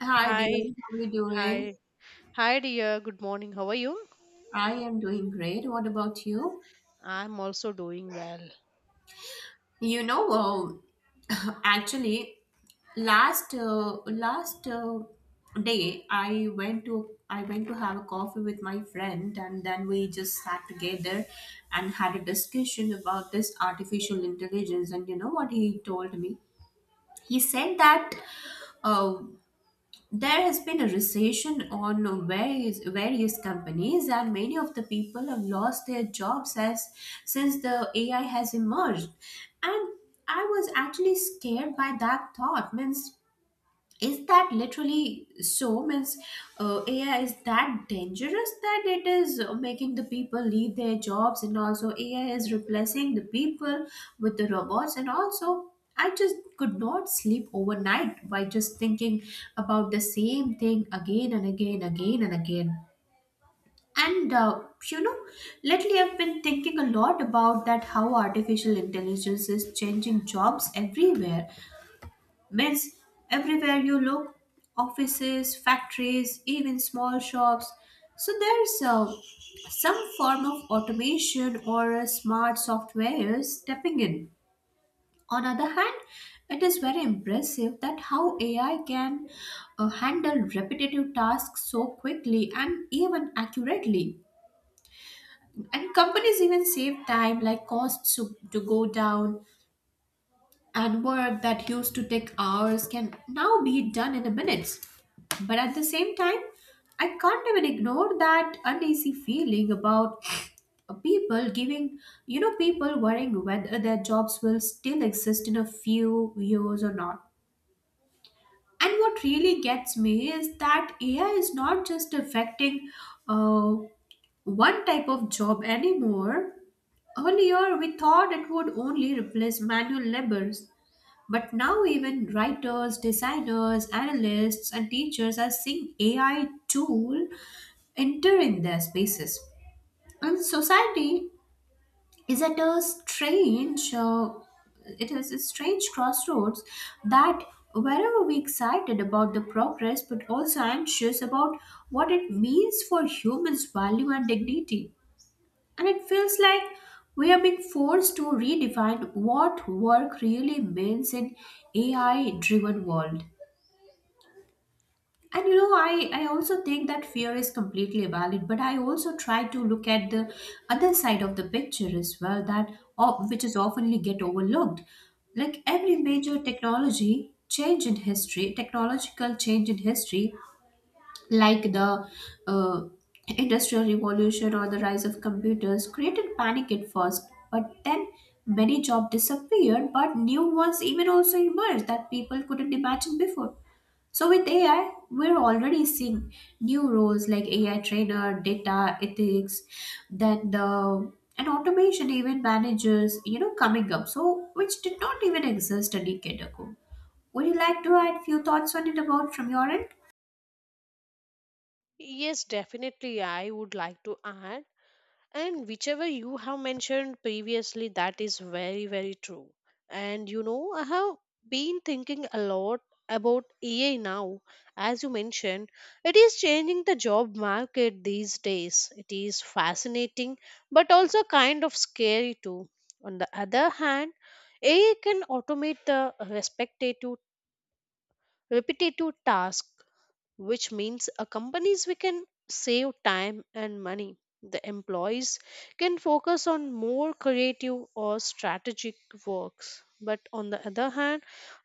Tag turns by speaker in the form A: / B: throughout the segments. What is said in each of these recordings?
A: Hi, dear.
B: Hi,
A: How are you doing?
B: hi, Hi, dear. Good morning. How are you?
A: I am doing great. What about you?
B: I'm also doing well.
A: You know, um, Actually, last last day I went to have a coffee with my friend, and then we just sat together and had a discussion about this artificial intelligence. And you know what he told me? He said that. Uh, there has been a recession on various companies and many of the people have lost their jobs as since the AI has emerged, and I was actually scared by that thought. Means is that literally so? Means AI is that dangerous that it is making the people leave their jobs, and also AI is replacing the people with the robots. And also, I just could not sleep overnight by just thinking about the same thing again and again, again and again. And uh, you know, Lately I've been thinking a lot about that how artificial intelligence is changing jobs everywhere. Myths everywhere you look: offices, factories, even small shops. So there's some form of automation or a smart software stepping in. On other hand, it is very impressive that how AI can handle repetitive tasks so quickly and even accurately. And companies even save time, like costs to go down, and work that used to take hours can now be done in a minutes. But at the same time, I can't even ignore that uneasy feeling about people giving, people worrying whether their jobs will still exist in a few years or not. And what really gets me is that AI is not just affecting uh, one type of job anymore. Earlier, we thought it would only replace manual labor, but now, even writers, designers, analysts, and teachers are seeing AI tool enter in their spaces. And society is at a strange, it is a strange crossroads that wherever we excited about the progress, but also anxious about what it means for humans' value and dignity. And it feels like we are being forced to redefine what work really means in AI driven world. And you know, I also think that fear is completely valid, but I also try to look at the other side of the picture as well, that which is oftenly get overlooked. Like every major technology change in history, technological change in history, like the uh, industrial revolution or the rise of computers, created panic at first, but then many jobs disappeared, but new ones even also emerged that people couldn't imagine before. So with AI, we're already seeing new roles like AI trainer, data ethics, then the and automation even managers, you know, coming up. So which did not even exist a decade ago. Would you like to add few thoughts on it about from your end?
B: Yes, definitely. I would like to add. And whichever you have mentioned previously, that is very, very true. And you know, I have been thinking a lot about AI now. As you mentioned, it is changing the job market these days. It is fascinating, but also kind of scary too. On the other hand, AI can automate the respectative repetitive task, which means a companies we can save time and money, the employees can focus on more creative or strategic works. But on the other hand,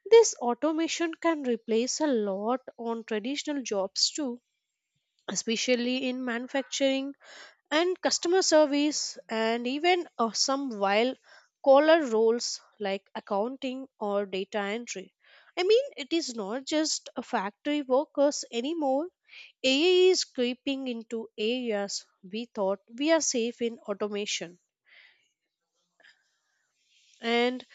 B: this automation can replace a lot on traditional jobs too, especially in manufacturing and customer service, and even some while caller roles like accounting or data entry. I mean, it is not just a factory workers anymore. AI is creeping into areas we thought we are safe in automation, and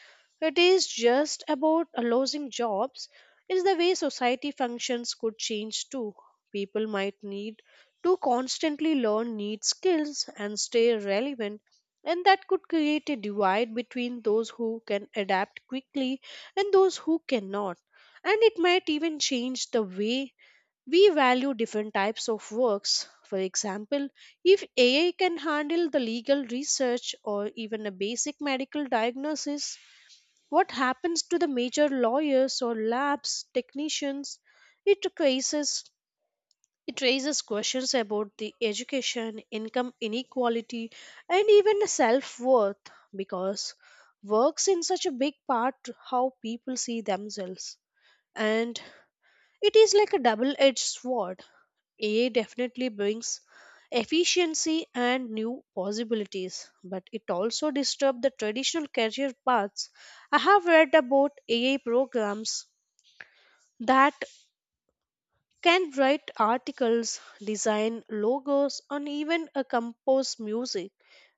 B: it is just about losing jobs, is the way society functions could change too. People might need to constantly learn new skills and stay relevant, and that could create a divide between those who can adapt quickly and those who cannot. And it might even change the way we value different types of works. For example, if AI can handle the legal research or even a basic medical diagnosis, what happens to the major lawyers or labs technicians? It raises it raises questions about the education, income inequality, and even self worth, because works in such a big part how people see themselves. And it is like a double edged sword. AI definitely brings efficiency and new possibilities, but it also disturbs the traditional career paths. I have read about AI programs that can write articles, design logos, and even compose music.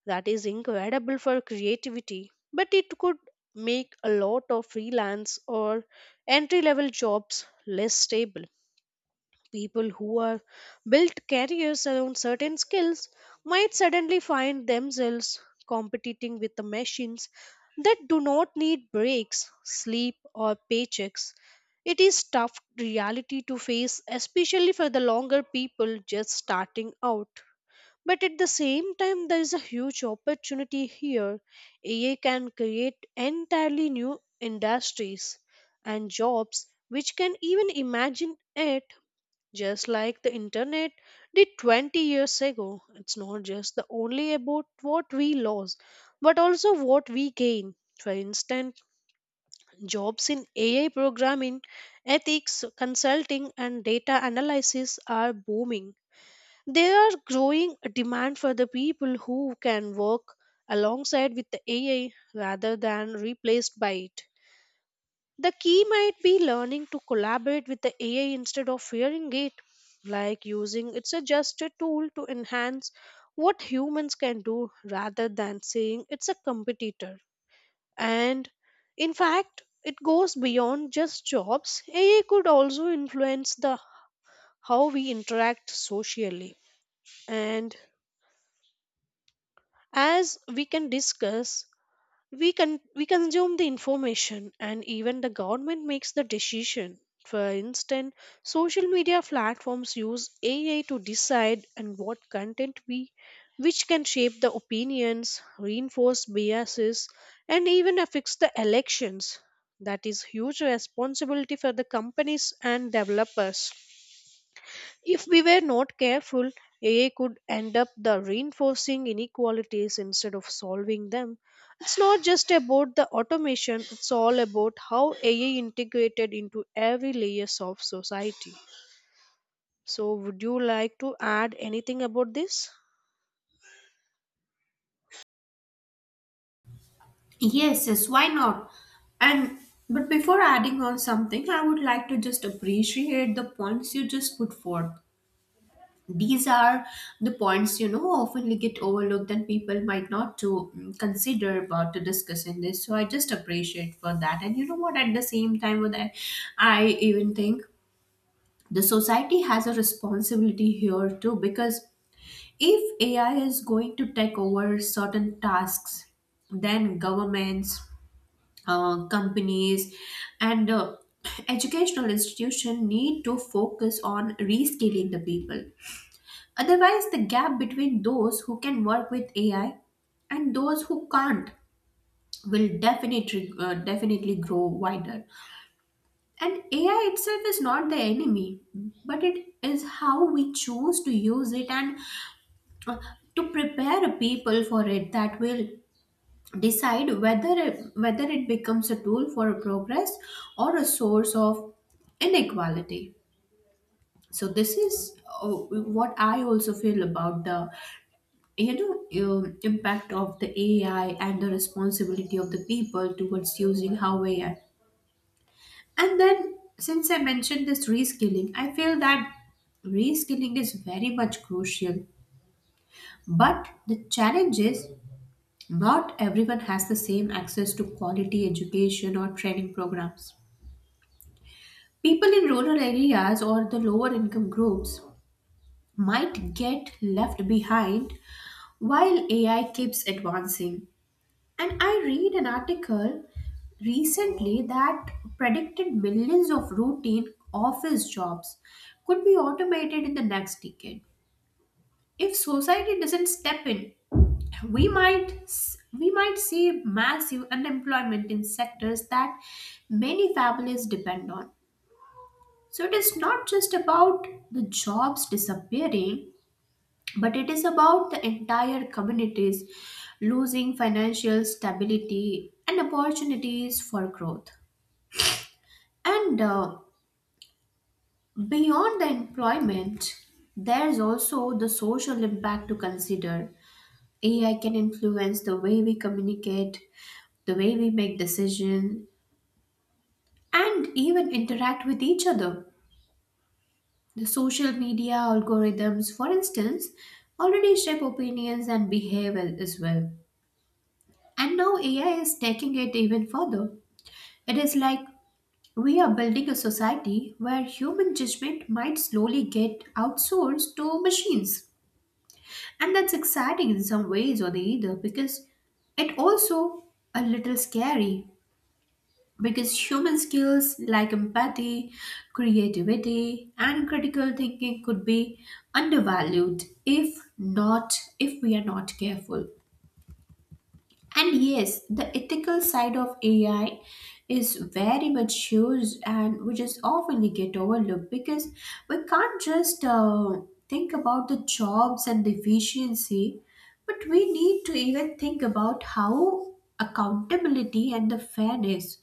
B: That is incredible for creativity, but it could make a lot of freelance or entry level jobs less stable. People who are built careers around certain skills might suddenly find themselves competing with the machines that do not need breaks, sleep, or paychecks. It is tough reality to face, especially for the longer people just starting out. But at the same time, there is a huge opportunity here. AI can create entirely new industries and jobs which can even imagine it, just like the internet did 20 years ago. It's not just the only about what we lose, but also what we gain. For instance, jobs in AI programming, ethics, consulting, and data analysis are booming. There are growing demand for the people who can work alongside with the AI rather than replaced by it. The key might be learning to collaborate with the AI instead of fearing it, like using it's a just a tool to enhance what humans can do rather than saying it's a competitor. And in fact, it goes beyond just jobs. AI could also influence the how we interact socially. And as we can discuss, we consume the information and even the government makes the decision. For instance, social media platforms use AI to decide and what content we, which can shape the opinions, reinforce biases, and even affects the elections. That is huge responsibility for the companies and developers. If we were not careful, AI could end up the reinforcing inequalities instead of solving them. It's not just about the automation, it's all about how AI integrated into every layers of society. So would you like to add anything about this?
A: Yes, yes, why not? And but before adding on something, I would like to just appreciate the points you just put forth. These are the points you know often get overlooked and people might not to consider about to discuss in this. So I just appreciate for that. And you know what? At the same time, with that, I even think the society has a responsibility here too, because if AI is going to take over certain tasks, then governments companies and educational institution need to focus on reskilling the people. Otherwise, the gap between those who can work with AI and those who can't will definitely grow wider. And AI itself is not the enemy, but it is how we choose to use it and uh, to prepare people for it that will decide whether it becomes a tool for progress or a source of inequality. So this is uh, what I also feel about the you know impact of the AI and the responsibility of the people towards using how AI. And then since I mentioned this reskilling, I feel that reskilling is very much crucial, but the challenge is not everyone has the same access to quality education or training programs. People in rural areas or the lower income groups might get left behind while AI keeps advancing. And I read an article recently that predicted millions of routine office jobs could be automated in the next decade. If society doesn't step in, we might we might see massive unemployment in sectors that many families depend on. So it is not just about the jobs disappearing, but it is about the entire communities losing financial stability and opportunities for growth. And Beyond the employment, there's also the social impact to consider. AI can influence the way we communicate, the way we make decisions, and even interact with each other. The social media algorithms, for instance, already shape opinions and behavior as well. And now AI is taking it even further. It is like we are building a society where human judgment might slowly get outsourced to machines. And that's exciting in some ways or the other, because it also a little scary, because human skills like empathy, creativity, and critical thinking could be undervalued if we are not careful. And yes, the ethical side of AI is very much used, and which is often get overlooked, because we can't just think about the jobs and the efficiency, but we need to even think about how accountability and the fairness.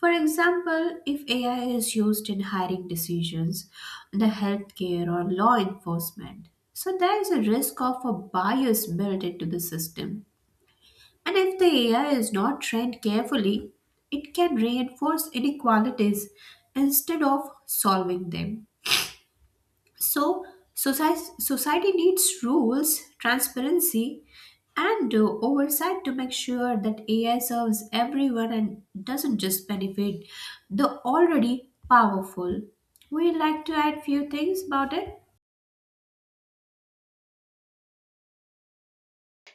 A: For example, if AI is used in hiring decisions, the healthcare or law enforcement, so there is a risk of a bias built into the system, and if the AI is not trained carefully, it can reinforce inequalities instead of solving them. So, society needs rules, transparency, and oversight to make sure that AI serves everyone and doesn't just benefit the already powerful. Would you like to add few things about it?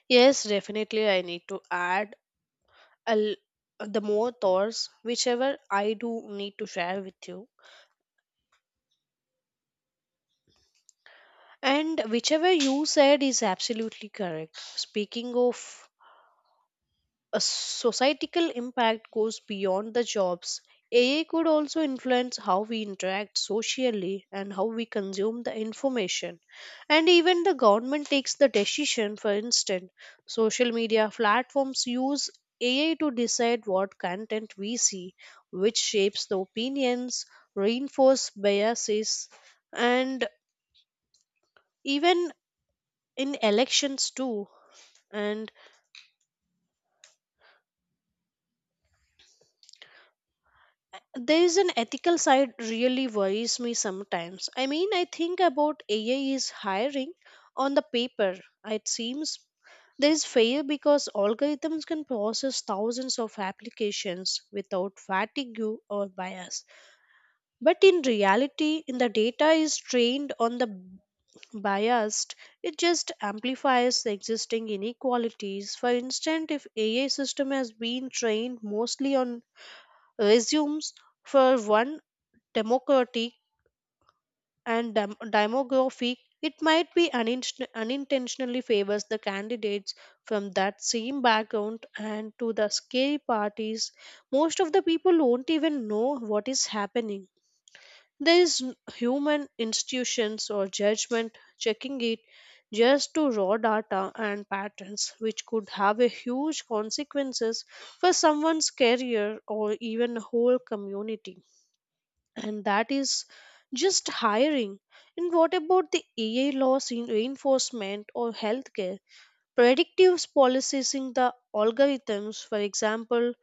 B: Yes, definitely. I need to add a l- the more thoughts, whichever I do need to share with you. And whichever you said is absolutely correct. Speaking of a societal impact goes beyond the jobs. AI could also influence how we interact socially and how we consume the information. And even the government takes the decision. For instance, social media platforms use AI to decide what content we see, which shapes the opinions, reinforce biases, and even in elections too. And there is an ethical side really worries me sometimes. I mean, I think about AI is hiring on the paper. It seems there is fair because algorithms can process thousands of applications without fatigue or bias. But in reality, in the data is trained on the biased, it just amplifies the existing inequalities. For instance, if AI system has been trained mostly on resumes for one democratic and demographic, it might be unintentionally favors the candidates from that same background and to the scary parties. Most of the people won't even know what is happening. There is human institutions or judgment checking it, just to raw data and patterns, which could have a huge consequences for someone's career or even a whole community. And that is just hiring. And what about the AI laws in reinforcement or healthcare? Predictive policing the algorithms, for example,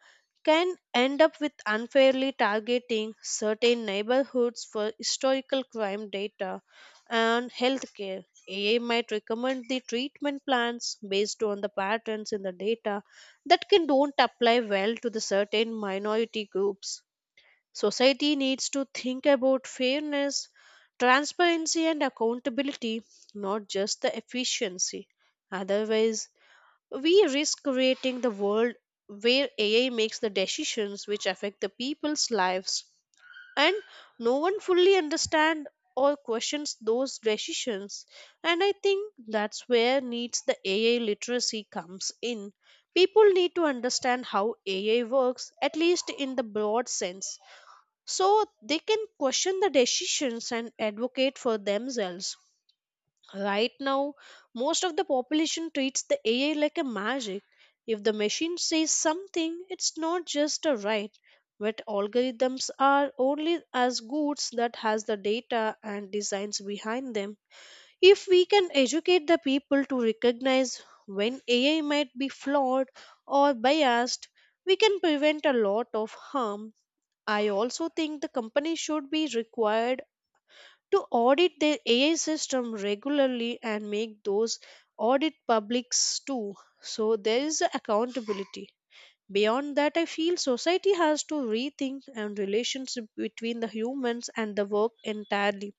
B: can end up with unfairly targeting certain neighborhoods for historical crime data and healthcare. AI might recommend the treatment plans based on the patterns in the data that can don't apply well to the certain minority groups. Society needs to think about fairness, transparency, and accountability, not just the efficiency. Otherwise, we risk creating the world where AI makes the decisions which affect the people's lives, and no one fully understands or questions those decisions. And I think that's where needs the AI literacy comes in. People need to understand how AI works, at least in the broad sense, so they can question the decisions and advocate for themselves. Right now, most of the population treats the AI like a magic. If the machine says something, it's not just a right, but algorithms are only as goods that has the data and designs behind them. If we can educate the people to recognize when AI might be flawed or biased, we can prevent a lot of harm. I also think the company should be required to audit their AI system regularly and make those audit publics too. So there is a accountability. Beyond that, I feel society has to rethink and relationship between the humans and the work entirely.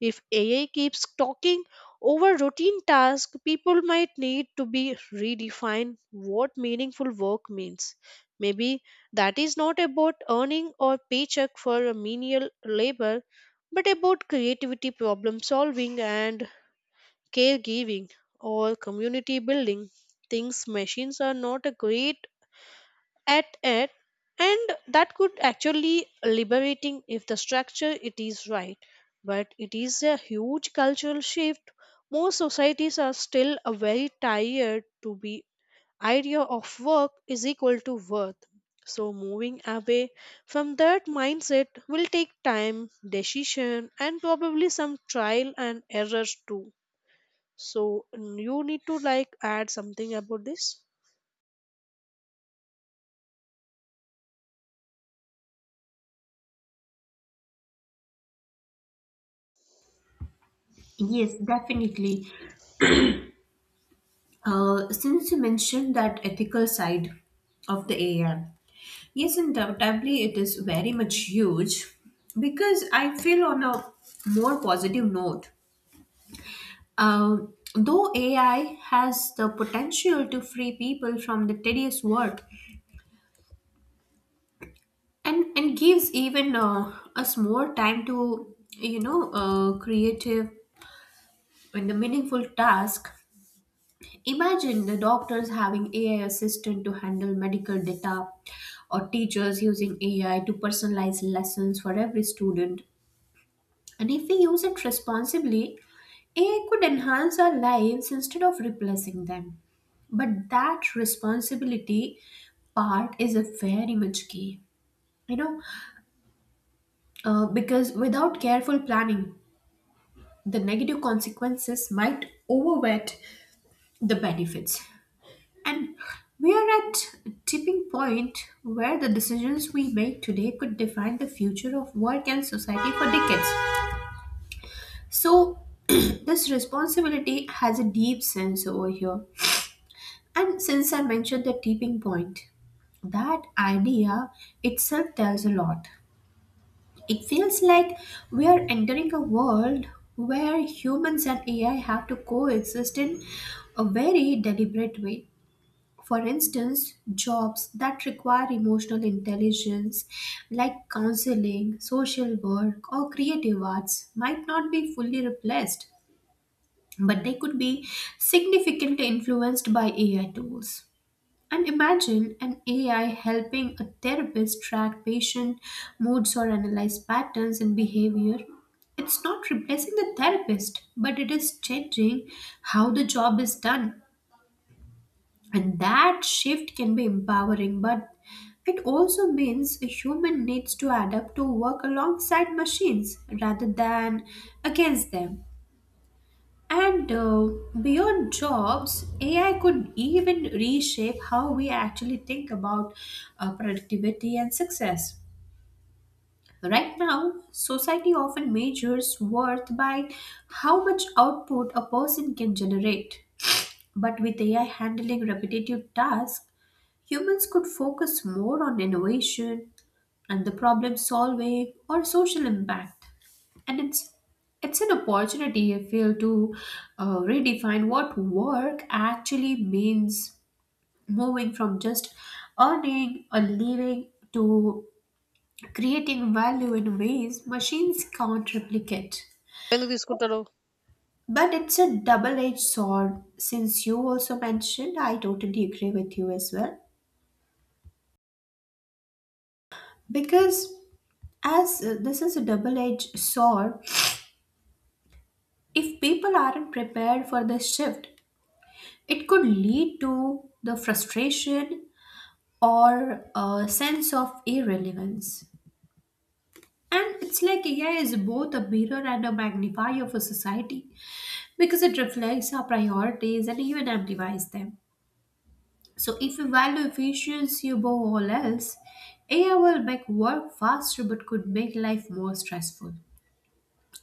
B: If AI keeps talking over routine tasks, people might need to be redefined what meaningful work means. Maybe that is not about earning a paycheck for a menial labor, but about creativity, problem solving, and caregiving or community building. Things machines are not a great at it, and that could actually liberating if the structure it is right. But it is a huge cultural shift. Most societies are still a very tired to be idea of work is equal to worth. So moving away from that mindset will take time decision and probably some trial and errors too. So you need to like add something about this.
A: Yes, definitely. Since you mentioned that ethical side of the AI, yes, undoubtedly, it is very much huge, because I feel on a more positive note. Though AI has the potential to free people from the tedious work, and gives even us more time to, you know, creative and the meaningful task. Imagine the doctors having AI assistant to handle medical data or teachers using AI to personalize lessons for every student. And if we use it responsibly, AI could enhance our lives instead of replacing them. But that responsibility part is a very much key. You know, because without careful planning, the negative consequences might overweight the benefits. And we are at a tipping point where the decisions we make today could define the future of work and society for decades. So, this responsibility has a deep sense over here. And since I mentioned the tipping point, that idea itself tells a lot. It feels like we are entering a world where humans and AI have to coexist in a very deliberate way. For instance, jobs that require emotional intelligence, like counseling, social work, or creative arts, might not be fully replaced, but they could be significantly influenced by AI tools. And imagine an AI helping a therapist track patient moods or analyze patterns in behavior. It's not replacing the therapist, but it is changing how the job is done. And that shift can be empowering, but it also means a human needs to adapt to work alongside machines rather than against them. And Beyond jobs, AI could even reshape how we actually think about productivity and success. Right now, society often measures worth by how much output a person can generate. But with AI handling repetitive tasks, humans could focus more on innovation and the problem solving or social impact. And it's an opportunity, I feel, to redefine what work actually means, moving from just earning a living to creating value in ways machines can't replicate.
B: ఎందుకు తీసుకుంటారు.
A: But it's a double edged sword, since you also mentioned, I totally agree with you as well. Because As this is a double edged sword, if people aren't prepared for this shift, it could lead to the frustration or a sense of irrelevance. And it's like AI is both a mirror and a magnifier for society, because it reflects our priorities and even amplifies them. So, if you value efficiency above all else, AI will make work faster but could make life more stressful.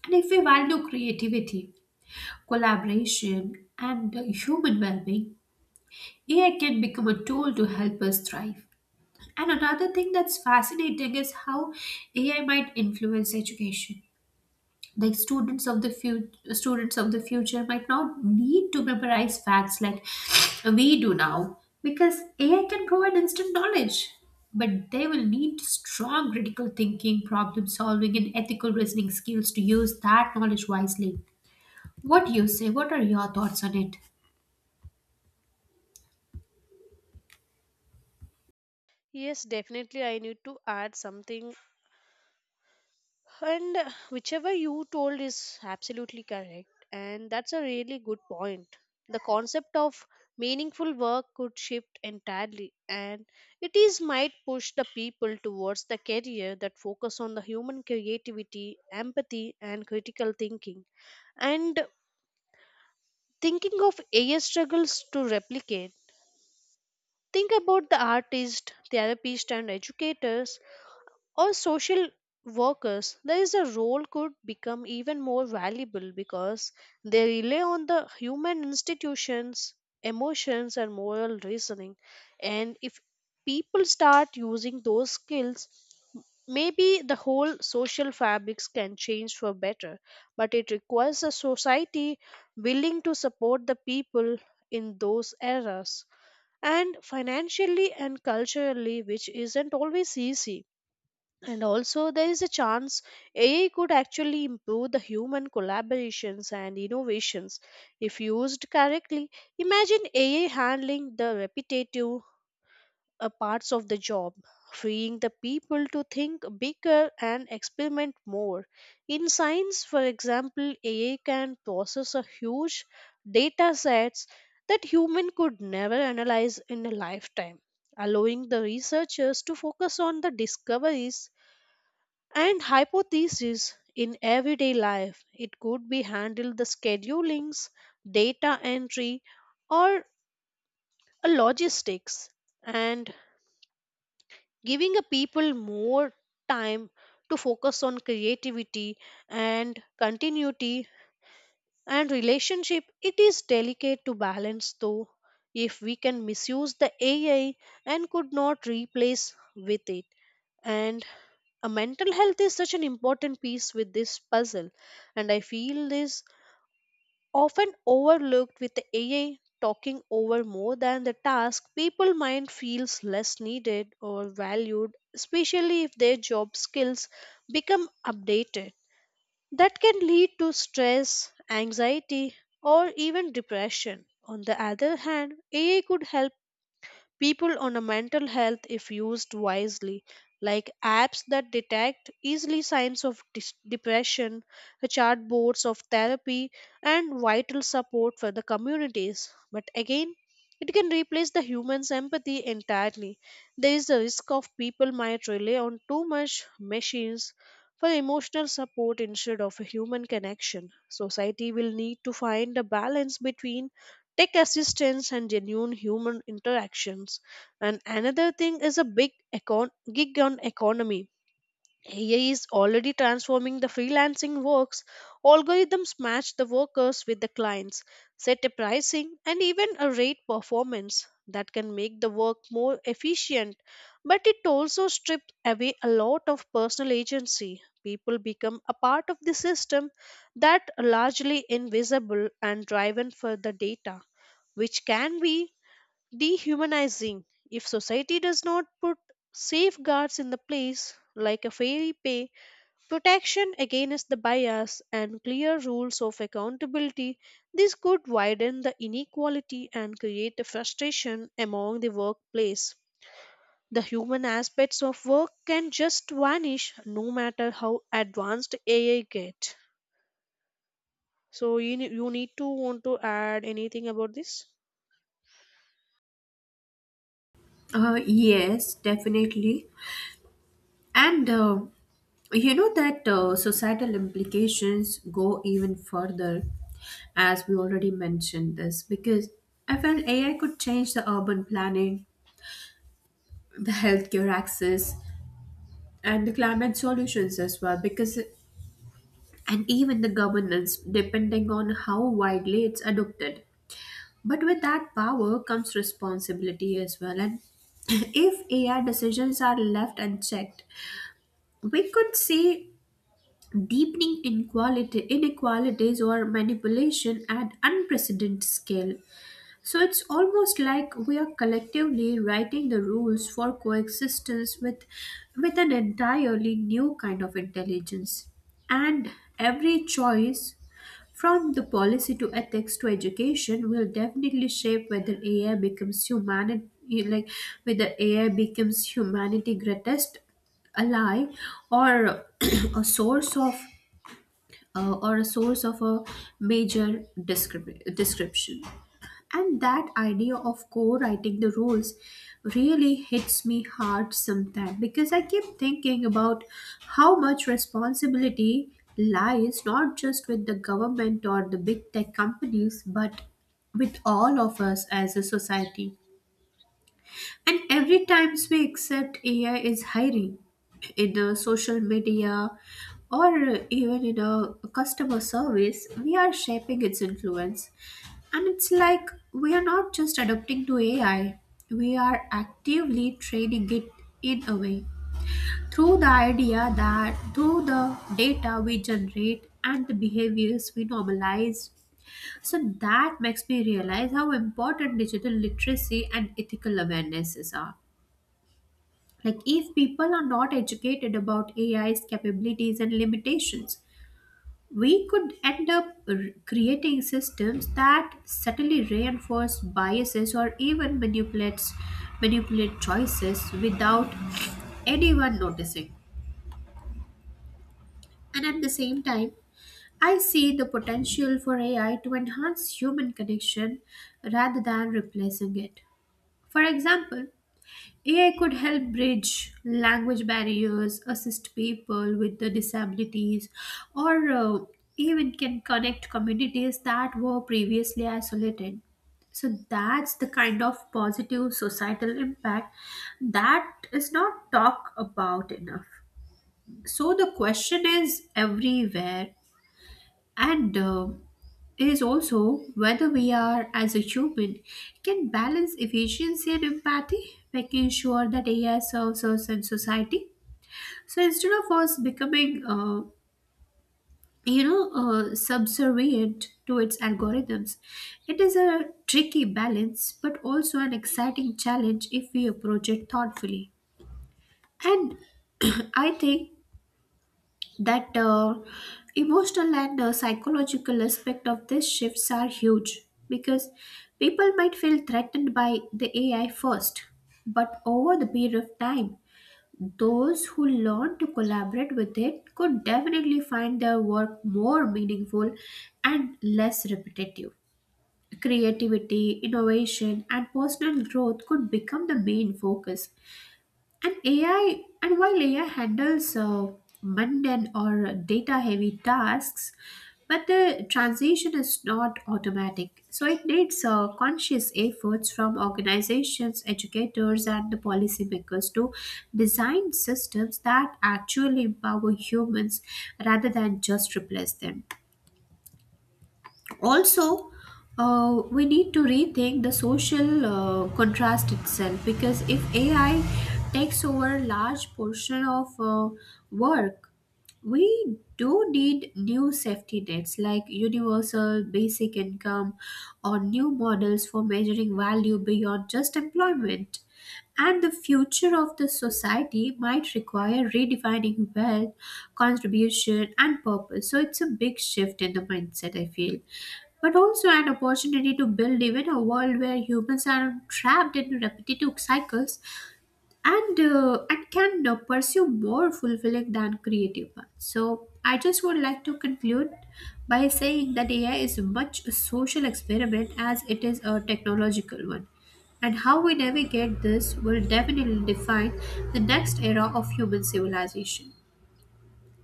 A: And if we value creativity, collaboration, and human well being, AI can become a tool to help us thrive. And another thing that's fascinating is how AI might influence education. Like students of the future might not need to memorize facts like we do now, because AI can provide instant knowledge. But they will need strong critical thinking, problem solving, and ethical reasoning skills to use that knowledge wisely. What do you say? What are your thoughts on it?
B: Yes, definitely. I need to add something. And whichever you told is absolutely correct. And that's a really good point. The concept of meaningful work could shift entirely, and it is might push the people towards the career that focus on the human creativity, empathy, and critical thinking. And thinking of AI struggles to replicate. Think about the artist, therapist, and educators or social workers, there is a role could become even more valuable, because they rely on the human institutions, emotions and moral reasoning. And if people start using those skills, maybe the whole social fabrics can change for better. But it requires a society willing to support the people in those eras, and financially and culturally, which isn't always easy. And also there is a chance AI could actually improve the human collaborations and innovations if used correctly. Imagine AI handling the repetitive parts of the job, freeing the people to think bigger and experiment more. In science, for example, AI can process a huge data sets that human could never analyze in a lifetime, allowing the researchers to focus on the discoveries and hypotheses. In everyday life, it could be handled the schedulings, data entry, or a logistics, and giving a people more time to focus on creativity and continuity and relationship. It is delicate to balance though. If we can misuse the AI and could not replace with it, and a mental health is such an important piece with this puzzle, and I feel this often overlooked with the AI talking over more than the task, people mind feels less needed or valued, especially if their job skills become updated. That can lead to stress, anxiety, or even depression. On the other hand, AI could help people on a mental health, if used wisely, like apps that detect easily signs of depression, chatbots of therapy, and vital support for the communities. But again, it can replace the human's empathy entirely. There is a risk of people might rely on too much machines for emotional support instead of a human connection. Society will need to find a balance between tech assistance and genuine human interactions. And another thing is a big gig on economy. AI is already transforming the freelancing works. Algorithms match the workers with the clients, set a pricing and even a rate performance that can make the work more efficient. But it also strips away a lot of personal agency. People become a part of the system that are largely invisible and driven for the data, which can be dehumanizing. If society does not put safeguards in the place, like a fair pay, protection against the bias and clear rules of accountability, this could widen the inequality and create a frustration among the workplace. The human aspects of work can just vanish no matter how advanced AI get. So you, you need to want to add anything about this.
A: Yes, definitely. And you know that societal implications go even further, as we already mentioned this, because I felt AI could change the urban planning, the healthcare access, and the climate solutions as well, because and even the governance, depending on how widely it's adopted. But with that power comes responsibility as well, and if AI decisions are left unchecked, we could see deepening inequality, inequalities or manipulation at unprecedented scale. So it's almost like we are collectively writing the rules for coexistence with an entirely new kind of intelligence. And every choice, from the policy to ethics to education, will definitely shape whether AI becomes humanity, like whether AI becomes humanity greatest ally or a source of or a source of a description. And that idea of co writing the rules really hits me hard sometimes because I keep thinking about how much responsibility lies not just with the government or the big tech companies but with all of us as a society. And every times we accept AI is hiring in the social media or even in a customer service, we are shaping its influence. And it's like we are not just adapting to AI, we are actively training it in a way through the idea that through the data we generate and the behaviors we normalize. So that makes me realize how important digital literacy and ethical awarenesses are, like, if people are not educated about AI's capabilities and limitations, we could end up creating systems that subtly reinforce biases or even manipulate choices without anyone noticing. And at the same time, I see the potential for AI to enhance human connection rather than replacing it. For example, AI could help bridge language barriers, assist people with the disabilities, or even can connect communities that were previously isolated. So that's the kind of positive societal impact that is not talked about enough. So the question is everywhere, and is also whether we are, as a human, can balance efficiency and empathy, making sure that AI serves us and society. So instead of us subservient to its algorithms, it is a tricky balance, but also an exciting challenge if we approach it thoughtfully. And I think that emotional and psychological aspect of these shifts are huge because people might feel threatened by the AI first, but over the period of time, those who learn to collaborate with it could definitely find their work more meaningful and less repetitive. Creativity, innovation, and personal growth could become the main focus and while AI handles mundane or data heavy tasks, but the transition is not automatic. So it needs conscious efforts from organizations, educators, and the policymakers to design systems that actually empower humans rather than just replace them. Also, we need to rethink the social contrast itself because if ai takes over large portion of work, we do need new safety nets like universal basic income or new models for measuring value beyond just employment, and the future of the society might require redefining wealth, contribution and purpose. So it's a big shift in the mindset I feel, but also an opportunity to build even a world where humans are trapped in repetitive cycles and can pursue more fulfilling than creative ones. So I just would like to conclude by saying that AI is much a social experiment as it is a technological one. And how we navigate this will definitely define the next era of human civilization.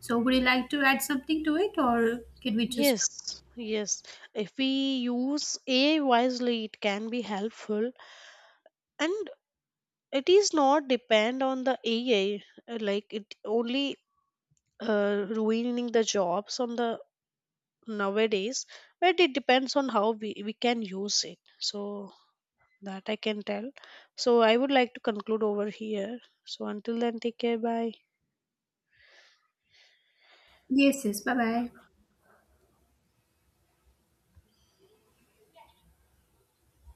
A: So, would you like to add something to it, or can we just?
B: Yes, yes. If we use AI wisely, it can be helpful, and it is not depend on the AI. Like it only ruining the jobs on the nowadays, but it depends on how we can use it. So that I can tell. So I would like to conclude over here. So until then, take care. Bye.
A: Yes, yes, bye bye.